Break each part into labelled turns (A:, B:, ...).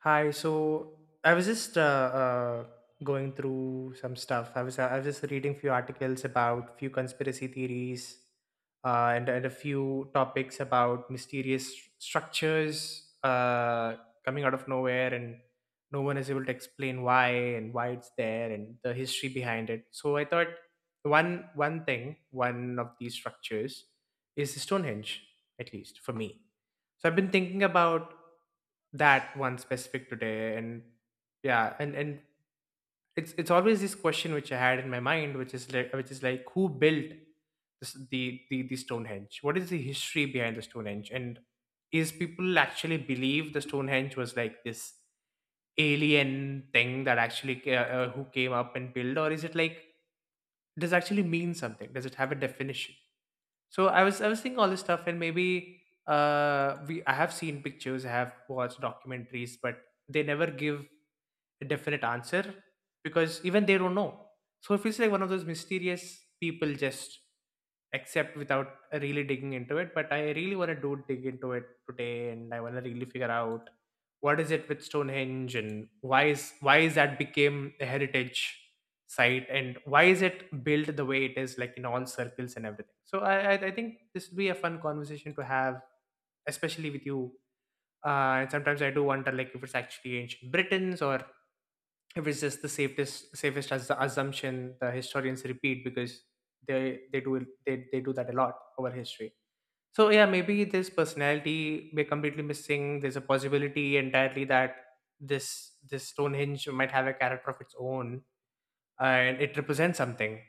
A: Hi. So I was just Going through some stuff. I was just reading few articles about few conspiracy theories, and a few topics about mysterious structures coming out of nowhere, and no one is able to explain why and why it's there and the history behind it. So I thought one thing, one of these structures is Stonehenge, at least for me. So I've been thinking about that one specific today. And yeah and and It's always this question which I had in my mind, which is like, who built this, the Stonehenge? What is the history behind the Stonehenge, and is people actually believe the Stonehenge was like this alien thing that who came up and built, or is it like, does it actually mean something, does it have a definition? So I was thinking all this stuff. And maybe we I have seen pictures, I have watched documentaries, but they never give a definite answer because even they don't know. So it feels like one of those mysterious people just accept without really digging into it. But I really want to do dig into it today, and I want to really figure out what is it with Stonehenge, and why is that became a heritage site, and why is it built the way it is, like in all circles and everything. So I think this would be a fun conversation to have, especially with you. And sometimes I do wonder, like, if it's actually ancient Britons, or if it's just the safest as the assumption the historians repeat, because they do that a lot over history. So yeah, maybe this personality we're completely missing. There's a possibility entirely that this Stonehenge might have a character of its own and it represents something.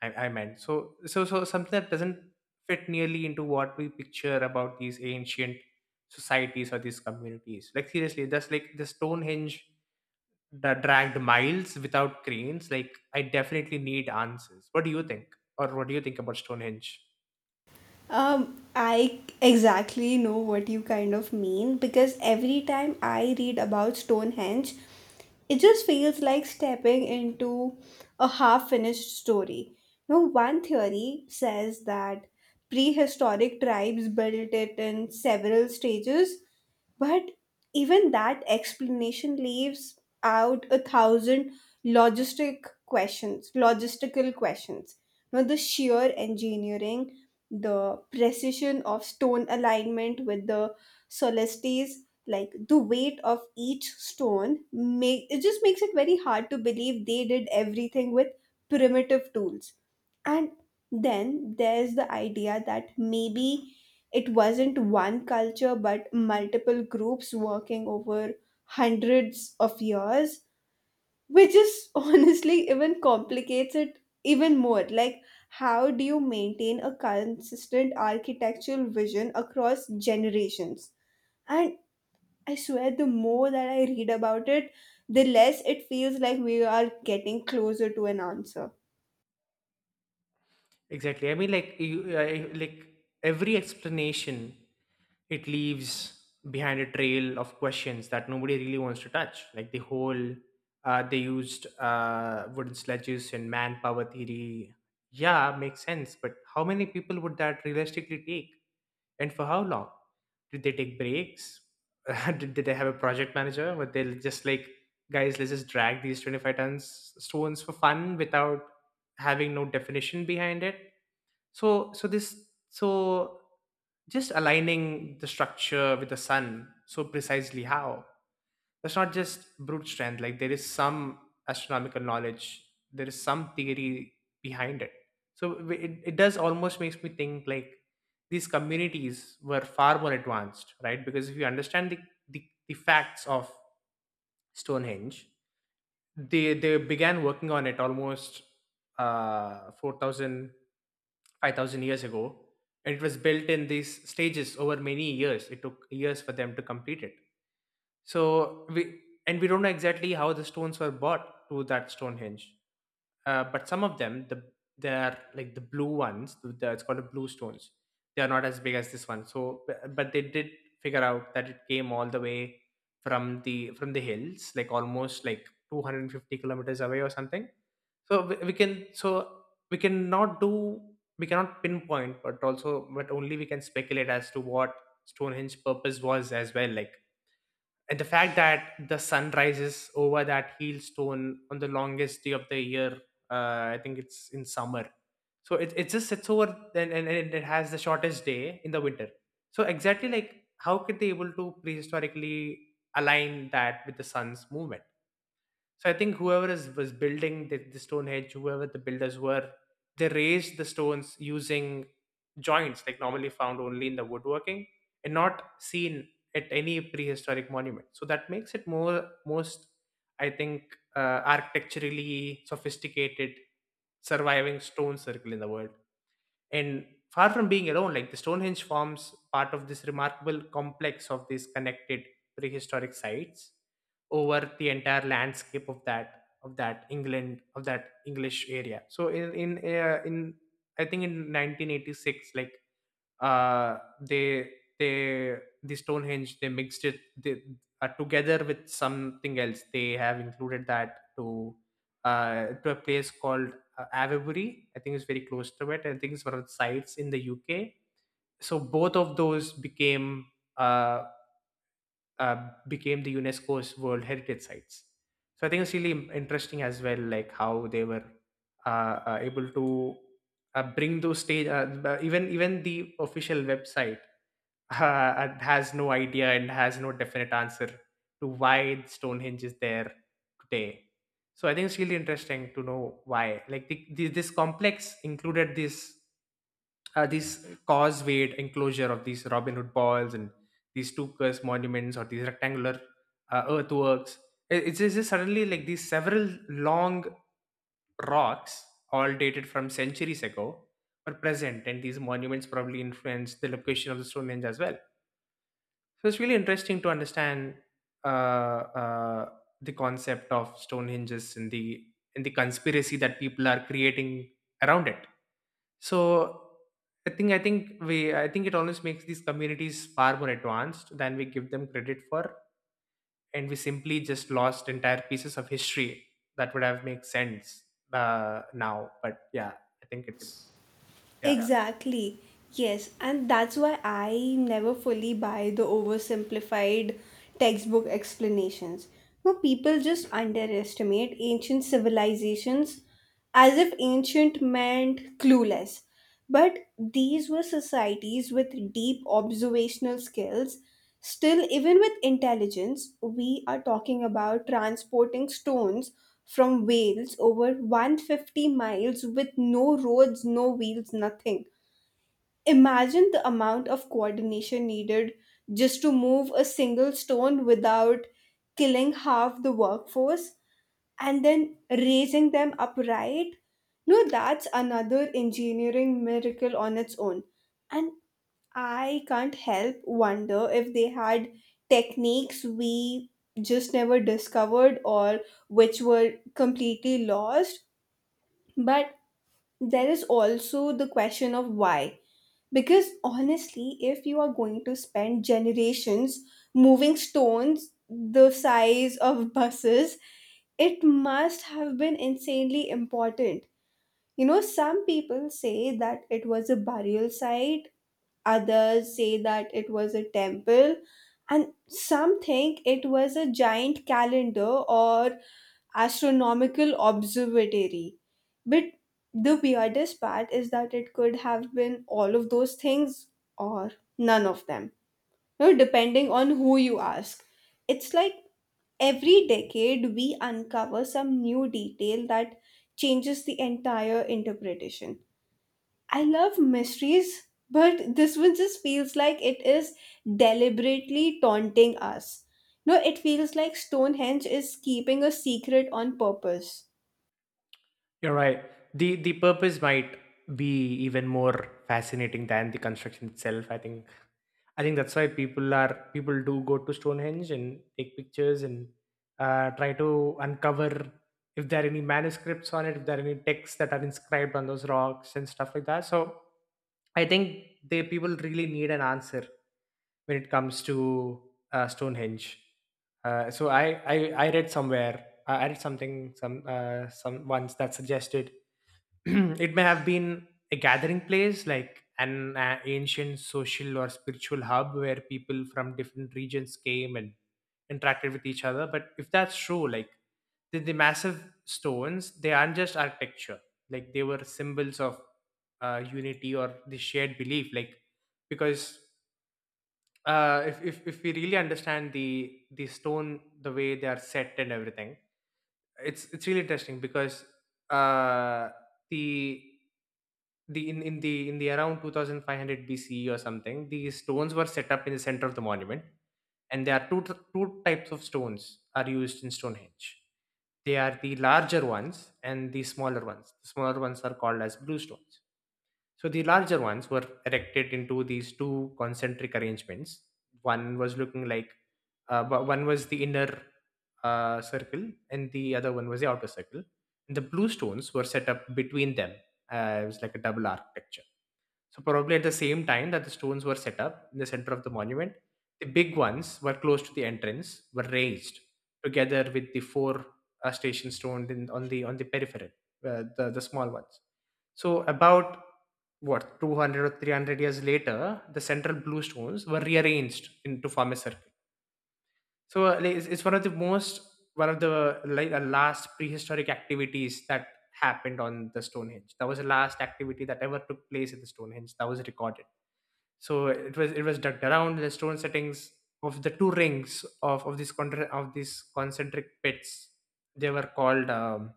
A: I, I meant so so so something that doesn't fit nearly into what we picture about these ancient societies or these communities. Like, seriously, that's like the Stonehenge that dragged miles without cranes. Like, I definitely need answers. What do you think, or what do you think about Stonehenge?
B: I exactly know what you kind of mean because every time I read about Stonehenge, it just feels like stepping into a half finished story. Now, one theory says that prehistoric tribes built it in several stages, but even that explanation leaves out a thousand logistical questions. Now, the sheer engineering, the precision of stone alignment with the solstices, like the weight of each stone, make it just makes it very hard to believe they did everything with primitive tools, and then there's the idea that maybe it wasn't one culture but multiple groups working over hundreds of years, which is honestly even complicates it even more. Like, how do you maintain a consistent architectural vision across generations? And I swear, the more that I read about it, the less it feels like we are getting closer to an answer.
A: Exactly, I mean, like, every explanation, it leaves behind a trail of questions that nobody really wants to touch. Like the whole they used wooden sledges and manpower theory, yeah, makes sense, but how many people would that realistically take? And for how long? Did they take breaks? Did they have a project manager? Were they just like, guys, let's just drag these 25 tons stones for fun without having no definition behind it? So just aligning the structure with the sun so precisely, how? That's not just brute strength. Like, there is some astronomical knowledge, there is some theory behind it. So it does almost makes me think like these communities were far more advanced, right? Because if you understand the, the facts of Stonehenge, they began working on it almost 4,000 years ago, and it was built in these stages over many years. It took years for them to complete it. So we don't know exactly how the stones were bought to that Stonehenge. But some of them, they are like the blue ones. The it's called the blue stones. They are not as big as this one. So, but they did figure out that it came all the way from the hills, like almost like 250 kilometers away or something. So we cannot do we cannot pinpoint, but also, but only we can speculate as to what Stonehenge purpose was as well. Like, and the fact that the sun rises over that heel stone on the longest day of the year, I think it's in summer. So it just sits over, and it has the shortest day in the winter. So exactly, like, how could they able to prehistorically align that with the sun's movement? So I think whoever is was building the Stonehenge, whoever the builders were, they raised the stones using joints like normally found only in the woodworking and not seen at any prehistoric monument. So that makes it more most, I think, architecturally sophisticated surviving stone circle in the world. And far from being alone, like the Stonehenge forms part of this remarkable complex of these connected prehistoric sites over the entire landscape of that England, of that English area. So in I think in 1986, like uh they they the Stonehenge they mixed it, together with something else, they have included that to a place called Avebury, I think. It's very close to it, I think. It's one of the sites in the UK. So both of those became uh, became the UNESCO's world heritage sites. So I think it's really interesting as well, like how they were able to bring those stage. Even even the official website and has no idea and has no definite answer to why Stonehenge is there today. So I think it's really interesting to know why. Like this complex included this this causewayed enclosure of these Robin Hood balls and these Stukas monuments or these rectangular earthworks. It's just suddenly like these several long rocks, all dated from centuries ago, are present, and these monuments probably influenced the location of the Stonehenge as well. So it's really interesting to understand uh, uh, the concept of Stonehenges and the conspiracy that people are creating around it. So I think it always makes these communities far more advanced than we give them credit for, and we simply just lost entire pieces of history that would have made sense now. But yeah, I think it's
B: Yeah.
A: yeah.
B: Exactly. Yes, and that's why I never fully buy the oversimplified textbook explanations. No, people just underestimate ancient civilizations as if ancient meant clueless. But these were societies with deep observational skills. Still, even with intelligence, we are talking about transporting stones from Wales over 150 miles with no roads, no wheels, nothing. Imagine the amount of coordination needed just to move a single stone without killing half the workforce and then raising them upright. No, that's another engineering miracle on its own. And I can't help wonder if they had techniques we just never discovered or which were completely lost. But there is also the question of why. Because honestly, if you are going to spend generations moving stones the size of buses, it must have been insanely important. You know, some people say that it was a burial site, others say that it was a temple, and some think it was a giant calendar or astronomical observatory, but the weirdest part is that it could have been all of those things or none of them, you know, depending on who you ask. It's like every decade we uncover some new detail that changes the entire interpretation. I love mysteries, but this one just feels like it is deliberately taunting us. No, it feels like Stonehenge is keeping a secret on purpose.
A: You're right. The purpose might be even more fascinating than the construction itself. I think that's why people do go to Stonehenge and take pictures and try to uncover if there are any manuscripts on it, if there are any texts that are inscribed on those rocks and stuff like that. So I think they people really need an answer when it comes to Stonehenge. So I read somewhere, I read something some once that suggested it may have been a gathering place, like an ancient social or spiritual hub where people from different regions came and interacted with each other. But if that's true, like, the massive stones, they aren't just architecture, like they were symbols of unity or the shared belief. Like, because if we really understand the stone, the way they are set and everything, it's really interesting. Because uh the the in the around 2500 BCE or something, these stones were set up in the center of the monument, and there are two types of stones are used in Stonehenge. They are the larger ones and the smaller ones. The smaller ones are called as blue stones. So the larger ones were erected into these two concentric arrangements. One was looking like, one was the inner circle, and the other one was the outer circle. And the blue stones were set up between them. It was like a double architecture. So probably at the same time that the stones were set up in the center of the monument, the big ones were close to the entrance were raised together with the four station stones on the periphery, the small ones. So about what 200 or 300 years later, the central blue stones were rearranged to form a circle. So like, it's one of the most, one of the like the last prehistoric activities that happened on the Stonehenge. That was the last activity that ever took place at the Stonehenge, that was recorded. So it was ducked around the stone settings of the two rings of these of these concentric pits. They were called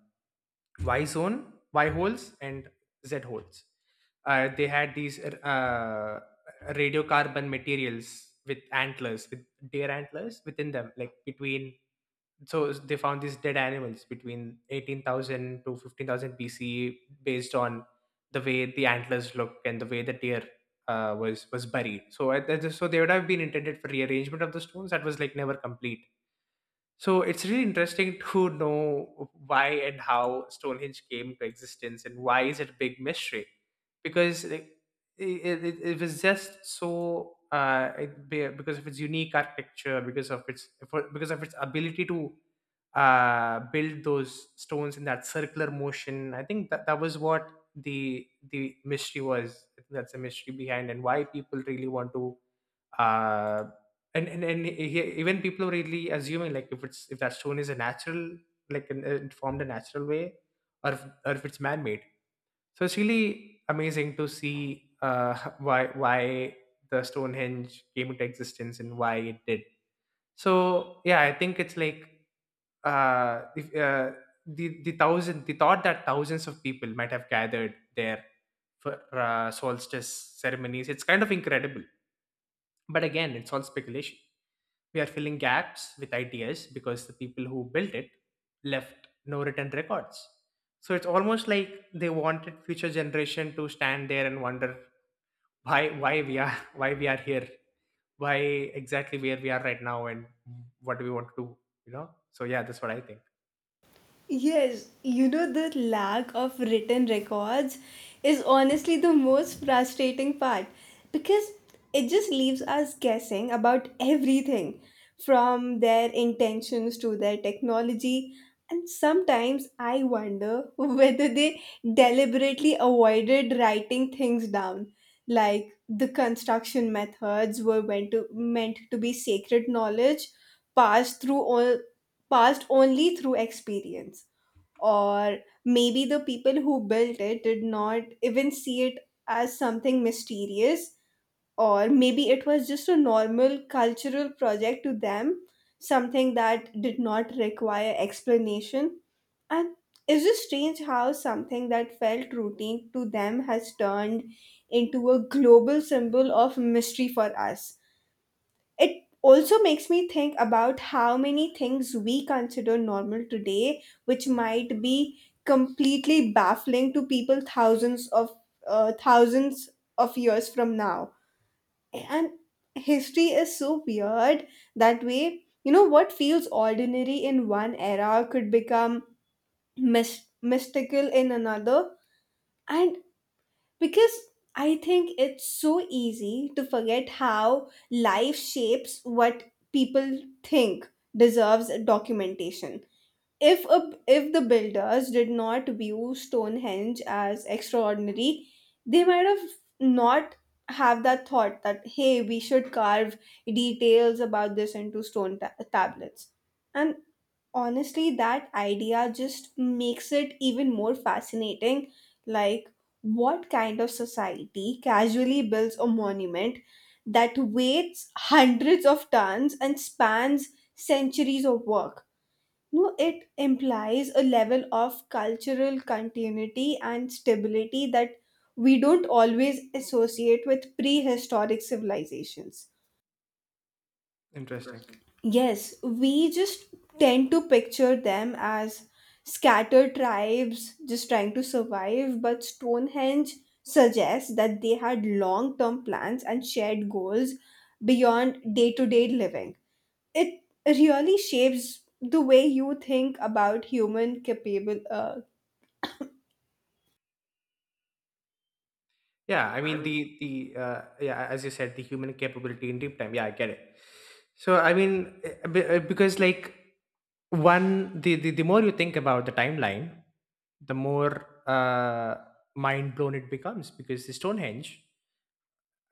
A: Y zone, Y holes, and Z holes. They had these radiocarbon materials with antlers, with deer antlers within them, like between. So they found these dead animals between 18,000 to 15,000 BCE based on the way the antlers look and the way the deer was buried. So so they would have been intended for rearrangement of the stones that was like never complete. So it's really interesting to know why and how Stonehenge came to existence, and why is it a big mystery? Because like, it was just so because of its unique architecture, because of because of its ability to build those stones in that circular motion. I think that was what the mystery was. I think that's the mystery behind, and why people really want to. uh, Even people are really assuming, like, if that stone is a natural, it formed a natural way, or if it's man-made. So it's really amazing to see, why the Stonehenge came into existence and why it did. So yeah, I think it's like, if, the thousand the thought that thousands of people might have gathered there for solstice ceremonies. It's kind of incredible, but again, it's all speculation. We are filling gaps with ideas because the people who built it left no written records. So it's almost like they wanted future generation to stand there and wonder why we are, why we are here, why exactly where we are right now, and what do we want to do, you know? So yeah, that's what I think.
B: Yes, you know, the lack of written records is honestly the most frustrating part because it just leaves us guessing about everything from their intentions to their technology. And sometimes I wonder whether they deliberately avoided writing things down, like the construction methods were meant to be sacred knowledge passed through all, passed only through experience, or maybe the people who built it did not even see it as something mysterious, or maybe it was just a normal cultural project to them, something that did not require explanation. And it's just strange how something that felt routine to them has turned into a global symbol of mystery for us. It also makes me think about how many things we consider normal today, which might be completely baffling to people thousands of years from now. And history is so weird that way. You know, what feels ordinary in one era could become mystical in another. And because I think it's so easy to forget how life shapes what people think deserves documentation. If the builders did not view Stonehenge as extraordinary, they might have not have that thought that hey, we should carve details about this into stone tablets. And honestly that idea just makes it even more fascinating. Like, what kind of society casually builds a monument that weighs hundreds of tons and spans centuries of work? No, it implies a level of cultural continuity and stability that we don't always associate with prehistoric civilizations.
A: Interesting.
B: Yes, we just tend to picture them as scattered tribes just trying to survive, but Stonehenge suggests that they had long term plans and shared goals beyond day to day living. It really shapes the way you think about human capable,
A: Yeah, I mean, the yeah, as you said, the human capability in deep time. Yeah, I get it. So I mean, because like, one the more you think about the timeline, the more, mind blown it becomes, because the Stonehenge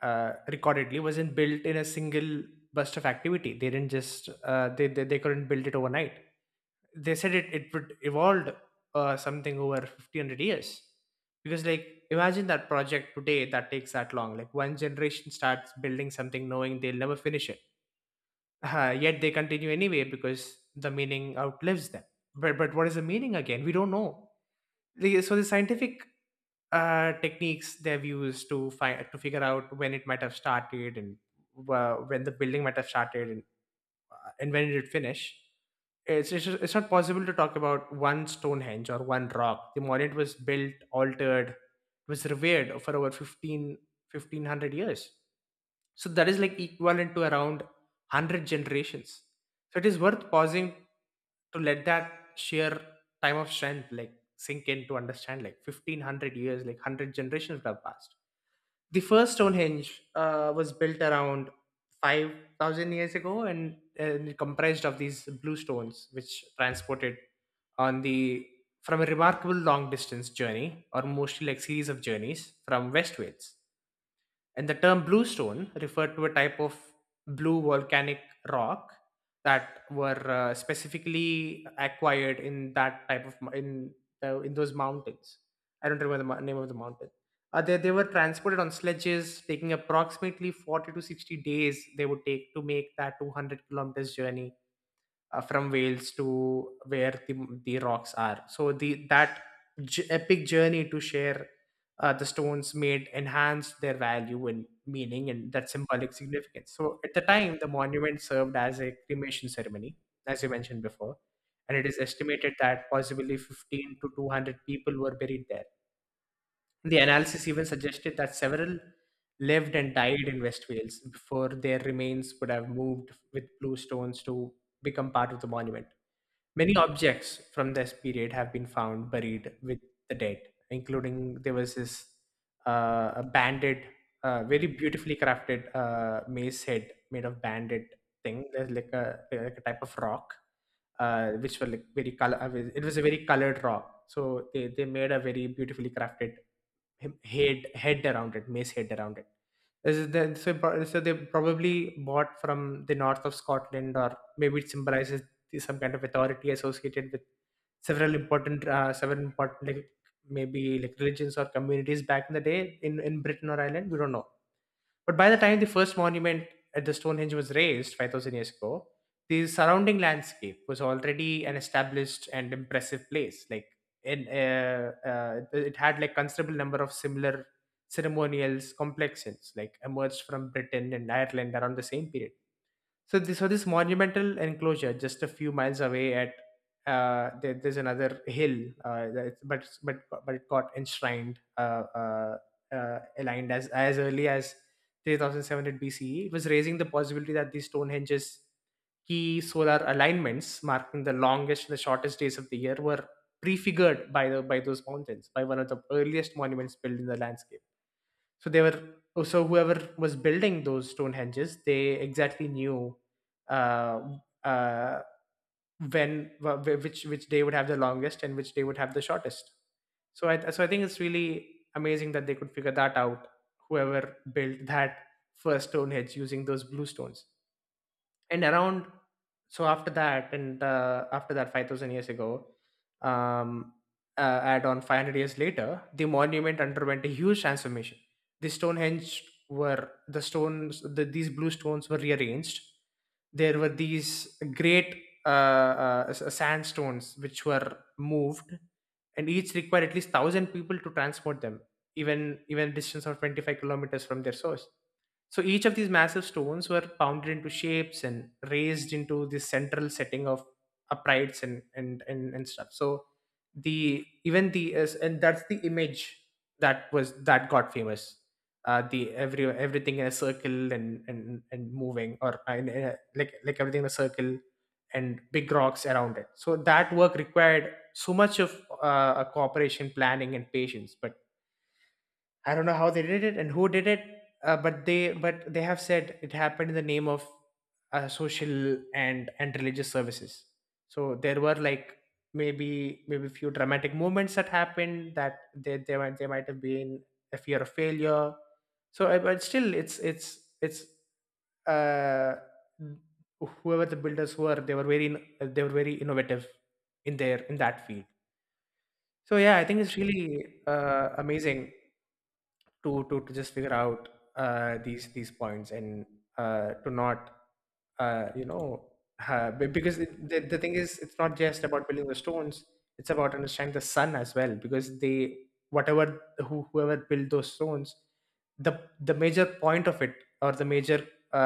A: recordedly wasn't built in a single burst of activity. They didn't just they couldn't build it overnight. They said it would evolved something over 1,500 years, because like, imagine that project today that takes that long. Like, one generation starts building something knowing they'll never finish it, yet they continue anyway because the meaning outlives them. But what is the meaning again? We don't know. So the scientific techniques they've used to figure out when it might have started, and when the building might have started, and when did it finish. It's it's not possible to talk about one Stonehenge or one rock. The monument was built, altered, it was revered for over 15, 1,500 years. So that is like equivalent to around 100 generations. So it is worth pausing to let that sheer time of strength like sink in, to understand, like, 1500 years, like 100 generations would have passed. The first Stonehenge was built around 5,000 years ago, and it comprised of these blue stones which transported on the from a remarkable long distance journey, or mostly like series of journeys from West Wales. And the term bluestone referred to a type of blue volcanic rock that were specifically acquired in that type in in those mountains. I don't remember the name of the mountain. They were transported on sledges, taking approximately 40 to 60 days they would take to make that 200 kilometers journey from Wales to the rocks are. So the epic journey to share the stones made enhanced their value and meaning and that symbolic significance. So at the time, the monument served as a cremation ceremony, as you mentioned before, and it is estimated that possibly 15 to 200 people were buried there. The analysis even suggested that several lived and died in West Wales before their remains would have moved with blue stones to become part of the monument. Many objects from this period have been found buried with the dead, including there was this a banded, very beautifully crafted mace head made of banded thing. There's like like a type of rock, which were like very color. It was a very colored rock. So they made a very beautifully crafted head around it, mace head around it. This is so they probably bought from the north of Scotland, or maybe it symbolizes some kind of authority associated with several important, like, maybe like religions or communities back in the day in Britain or Ireland, we don't know. But by the time the first monument at the Stonehenge was raised 5,000 years ago, the surrounding landscape was already an established and impressive place. Like, it had like considerable number of similar ceremonials complexes like emerged from Britain and Ireland around the same period. So this monumental enclosure, just a few miles away, at there's another hill, but it got enshrined, aligned as early as 3,700 BCE. It was raising the possibility that these Stonehenge's key solar alignments, marking the longest and the shortest days of the year, were prefigured by the by those mountains, by one of the earliest monuments built in the landscape. So they were, oh, so whoever was building those stone henges, they exactly knew uh, uh, when which day would have the longest and which day would have the shortest. So I think it's really amazing that they could figure that out, whoever built that first stone hedge using those blue stones. And around, so after that, 5,000 years ago, um add on 500 years later, the monument underwent a huge transformation. The Stonehenge were, the stones, these blue stones were rearranged. There were these great sandstones which were moved, and each required at least 1,000 people to transport them, even a distance of 25 kilometers from their source. So each of these massive stones were pounded into shapes and raised into this central setting of uprights and stuff. So the even the is- and that's the image that was that got famous. The every Everything in a circle and moving, or like everything in a circle and big rocks around it. So that work required so much of a cooperation, planning, and patience. But I don't know how they did it and who did it, but they have said it happened in the name of social and religious services. So there were like, maybe few dramatic moments that happened, that they might, have been a fear of failure. So but still, it's uh whoever the builders were, they were they were very innovative in their in that field. So yeah, I think it's really amazing to to just figure out these points, and to not, you know, because the thing is, it's not just about building the stones, it's about understanding the sun as well, because they, whatever, whoever built those stones, the major point of it, or the major uh,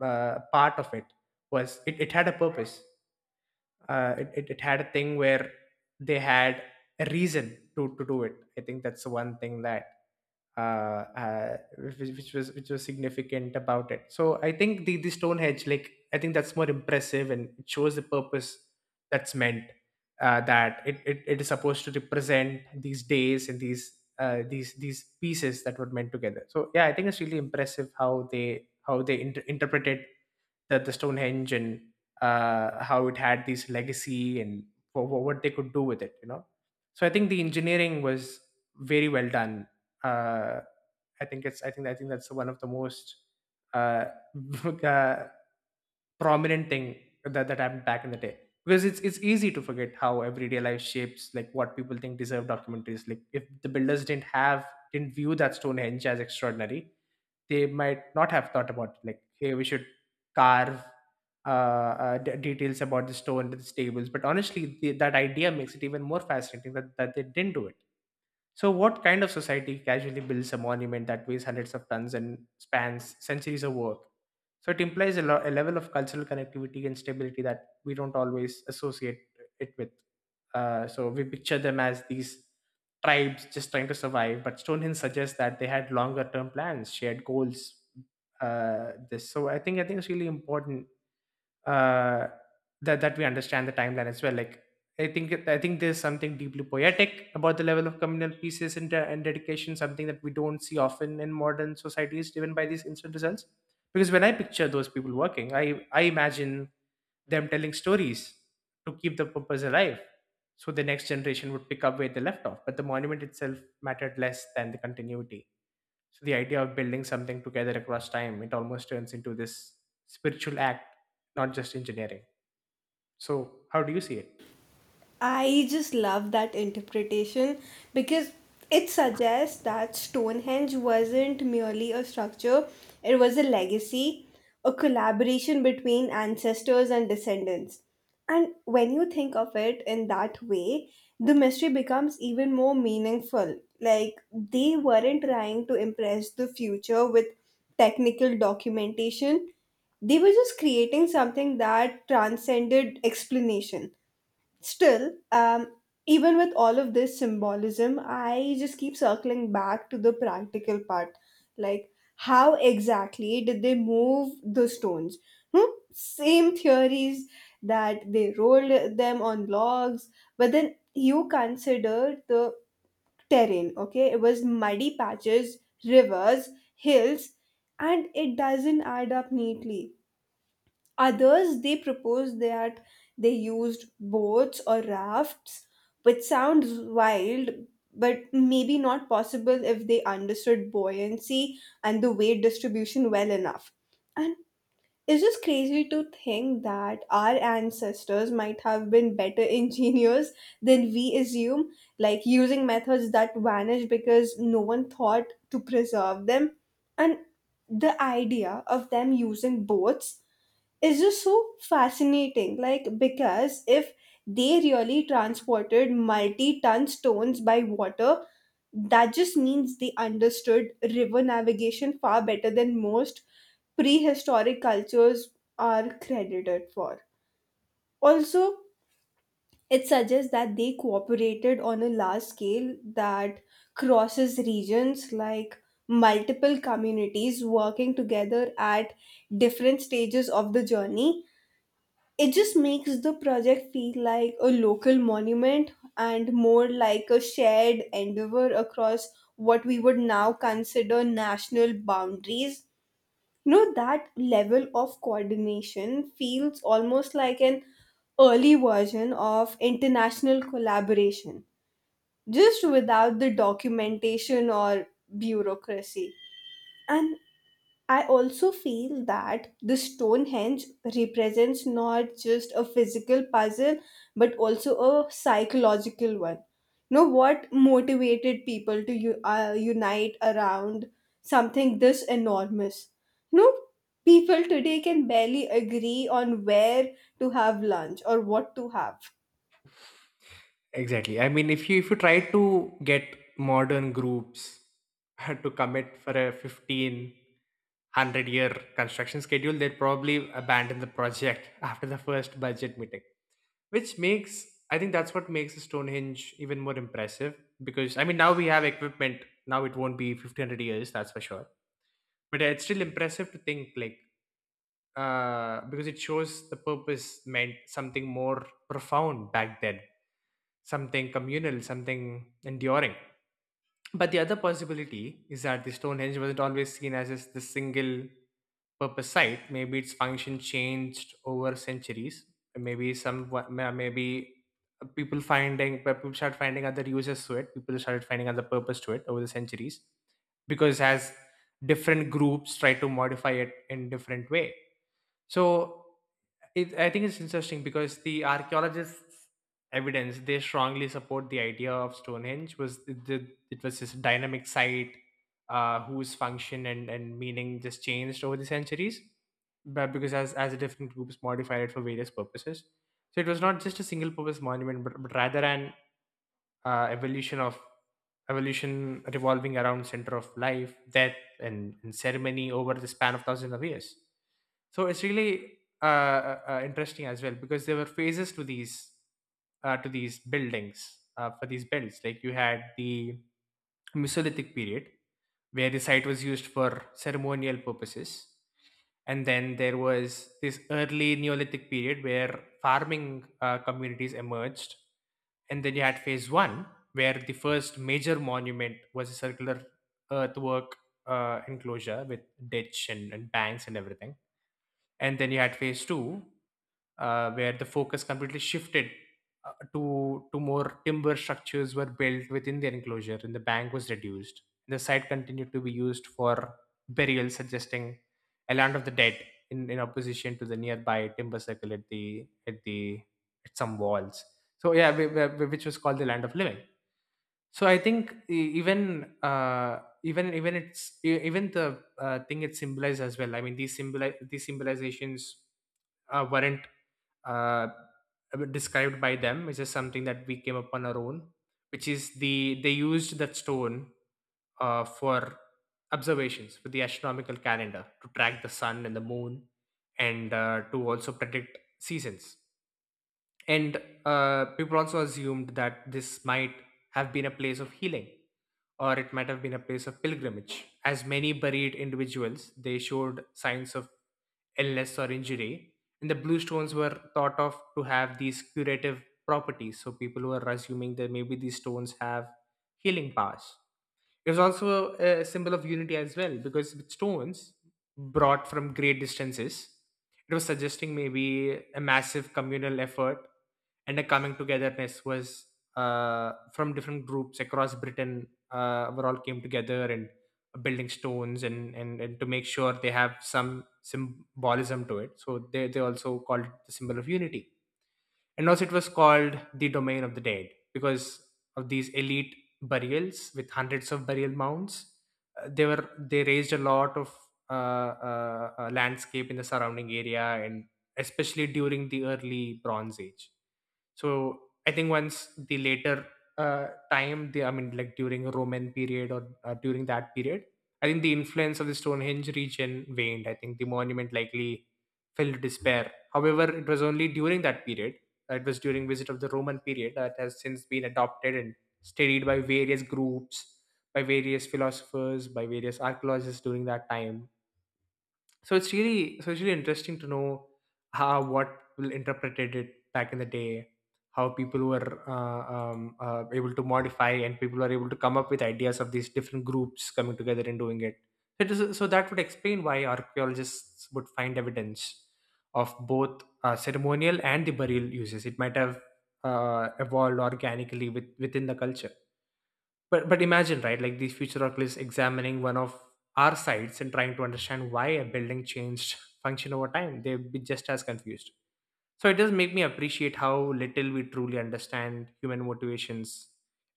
A: part of it, was it had a purpose. It had a thing where they had a reason to do it. I think that's the one thing that, which was, significant about it. So I think the Stonehenge, like, I think that's more impressive and it shows the purpose that's meant. It is supposed to represent these days, and these pieces that were meant together. So yeah, I think it's really impressive how they interpreted the Stonehenge, and how it had this legacy, and what they could do with it, you know. So I think the engineering was very well done. Uh, I think it's I think that's one of the most uh, uh, prominent thing that happened back in the day, because it's easy to forget how everyday life shapes like what people think deserve documentaries. Like, if the builders didn't view that Stonehenge as extraordinary, they might not have thought about it, like, hey, we should carve details about the store into the stables. But honestly, that idea makes it even more fascinating, that they didn't do it. So what kind of society casually builds a monument that weighs hundreds of tons and spans centuries of work? So it implies a level of cultural connectivity and stability that we don't always associate it with. So we picture them as these tribes just trying to survive, but Stonehenge suggests that they had longer term plans, shared goals. This So I think, it's really important uh, that we understand the timeline as well. Like I think there's something deeply poetic about the level of communal pieces and dedication, something that we don't see often in modern societies, driven by these instant results. Because when I picture those people working, I imagine them telling stories to keep the purpose alive, so the next generation would pick up where they left off. But the monument itself mattered less than the continuity, so the idea of building something together across time, it almost turns into this spiritual act, not just engineering. So how do you see it?
B: I just love that interpretation because it suggests that Stonehenge wasn't merely a structure, it was a legacy, a collaboration between ancestors and descendants. And when you think of it in that way, the mystery becomes even more meaningful. Like, they weren't trying to impress the future with technical documentation, they were just creating something that transcended explanation. Still, even with all of this symbolism, I just keep circling back to the practical part. Like, how exactly did they move the stones? Hmm? Same theories that they rolled them on logs, but then you consider the terrain, okay? It was muddy patches, rivers, hills, and it doesn't add up neatly. Others, they propose that they used boats or rafts, which sounds wild, but maybe not possible if they understood buoyancy and the weight distribution well enough. And it's just crazy to think that our ancestors might have been better engineers than we assume, like using methods that vanished because no one thought to preserve them. And the idea of them using boats is just so fascinating. Like, because if they really transported multi ton stones by water, that just means they understood river navigation far better than most prehistoric cultures are credited for. Also, it suggests that they cooperated on a large scale that crosses regions, like multiple communities working together at different stages of the journey. It just makes the project feel like a local monument and more like a shared endeavor across what we would now consider national boundaries. You know, that level of coordination feels almost like an early version of international collaboration, just without the documentation or bureaucracy. And I also feel that the Stonehenge represents not just a physical puzzle but also a psychological one. You know what motivated people to unite around something this enormous? You know, people today can barely agree on where to have lunch or what to have.
A: Exactly. I mean, if you try to get modern groups to commit for a 1500 year construction schedule, they'd probably abandon the project after the first budget meeting, which makes I think that's what makes the Stonehenge even more impressive because I mean now we have equipment. Now it won't be 1500 years, that's for sure. But it's still impressive to think like because it shows the purpose meant something more profound back then, something communal, something enduring. But the other possibility is that the Stonehenge wasn't always seen as just the single purpose site. Maybe its function changed over centuries. Maybe people finding people start finding other uses to it. People started finding other purpose to it over the centuries because as different groups try to modify it in different way. So I think it's interesting because the archaeologists' evidence, they strongly support the idea of Stonehenge was it was this dynamic site, whose function and meaning just changed over the centuries, but because as different groups modified it for various purposes. So it was not just a single purpose monument, but rather an evolution of evolution revolving around center of life, death and ceremony over the span of thousands of years. So it's really interesting as well because there were phases to these buildings for these builds. Like you had the Mesolithic period where the site was used for ceremonial purposes. And then there was this early Neolithic period where farming communities emerged. And then you had phase one, where the first major monument was a circular earthwork enclosure with ditch and banks and everything. And then you had phase two, where the focus completely shifted to more timber structures were built within their enclosure, and the bank was reduced. The site continued to be used for burial, suggesting a land of the dead in opposition to the nearby timber circle at the at some walls. So yeah, which was called the land of living. So I think even the thing it symbolizes as well. I mean, these symbolizations weren't uh, described by them, which is something that we came upon our own, which is the they used that stone for observations for the astronomical calendar to track the sun and the moon, and to also predict seasons. And people also assumed that this might have been a place of healing, or it might have been a place of pilgrimage. As many buried individuals, they showed signs of illness or injury, and the blue stones were thought of to have these curative properties. So people were assuming that maybe these stones have healing powers. It was also a symbol of unity as well because with stones brought from great distances, it was suggesting maybe a massive communal effort and a coming togetherness was from different groups across Britain were all came together and building stones and to make sure they have some symbolism to it. So they also called it the symbol of unity. And also, it was called the domain of the dead because of these elite burials with hundreds of burial mounds. They were they raised a lot of landscape in the surrounding area, and especially during the early Bronze Age. So I think once the later time, the, I mean, like during Roman period or during that period, I think the influence of the Stonehenge region waned. I think the monument likely fell to despair. However, it was only during that period, it was during visit of the Roman period, that has since been adopted and studied by various groups, by various philosophers, by various archaeologists during that time. So it's really interesting to know how what people interpreted it back in the day, how people were able to modify, and people were able to come up with ideas of these different groups coming together and doing it. So, it is, so that would explain why archaeologists would find evidence of both ceremonial and the burial uses. It might have evolved organically within the culture. But imagine, right, like these future oculus examining one of our sites and trying to understand why a building changed function over time, they'd be just as confused. So it does make me appreciate how little we truly understand human motivations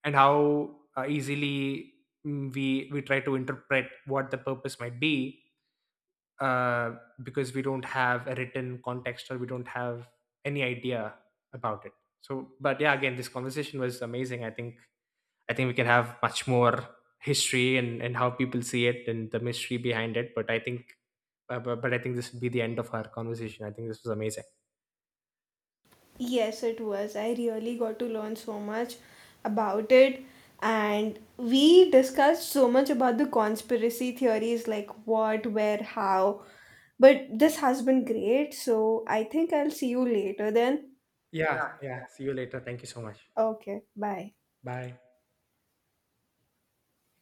A: and how easily we try to interpret what the purpose might be, uh, because we don't have a written context, or we don't have any idea about it. So but yeah, again, this conversation was amazing. I think we can have much more history and how people see it and the mystery behind it. But I think, but I think this would be the end of our conversation. I think this was amazing.
B: Yes, it was. I really got to learn so much about it. And we discussed so much about the conspiracy theories, like what, where, how. But this has been great. So I think I'll see you later then.
A: Yeah, yeah. See you later. Thank you so much.
B: Okay, bye.
A: Bye.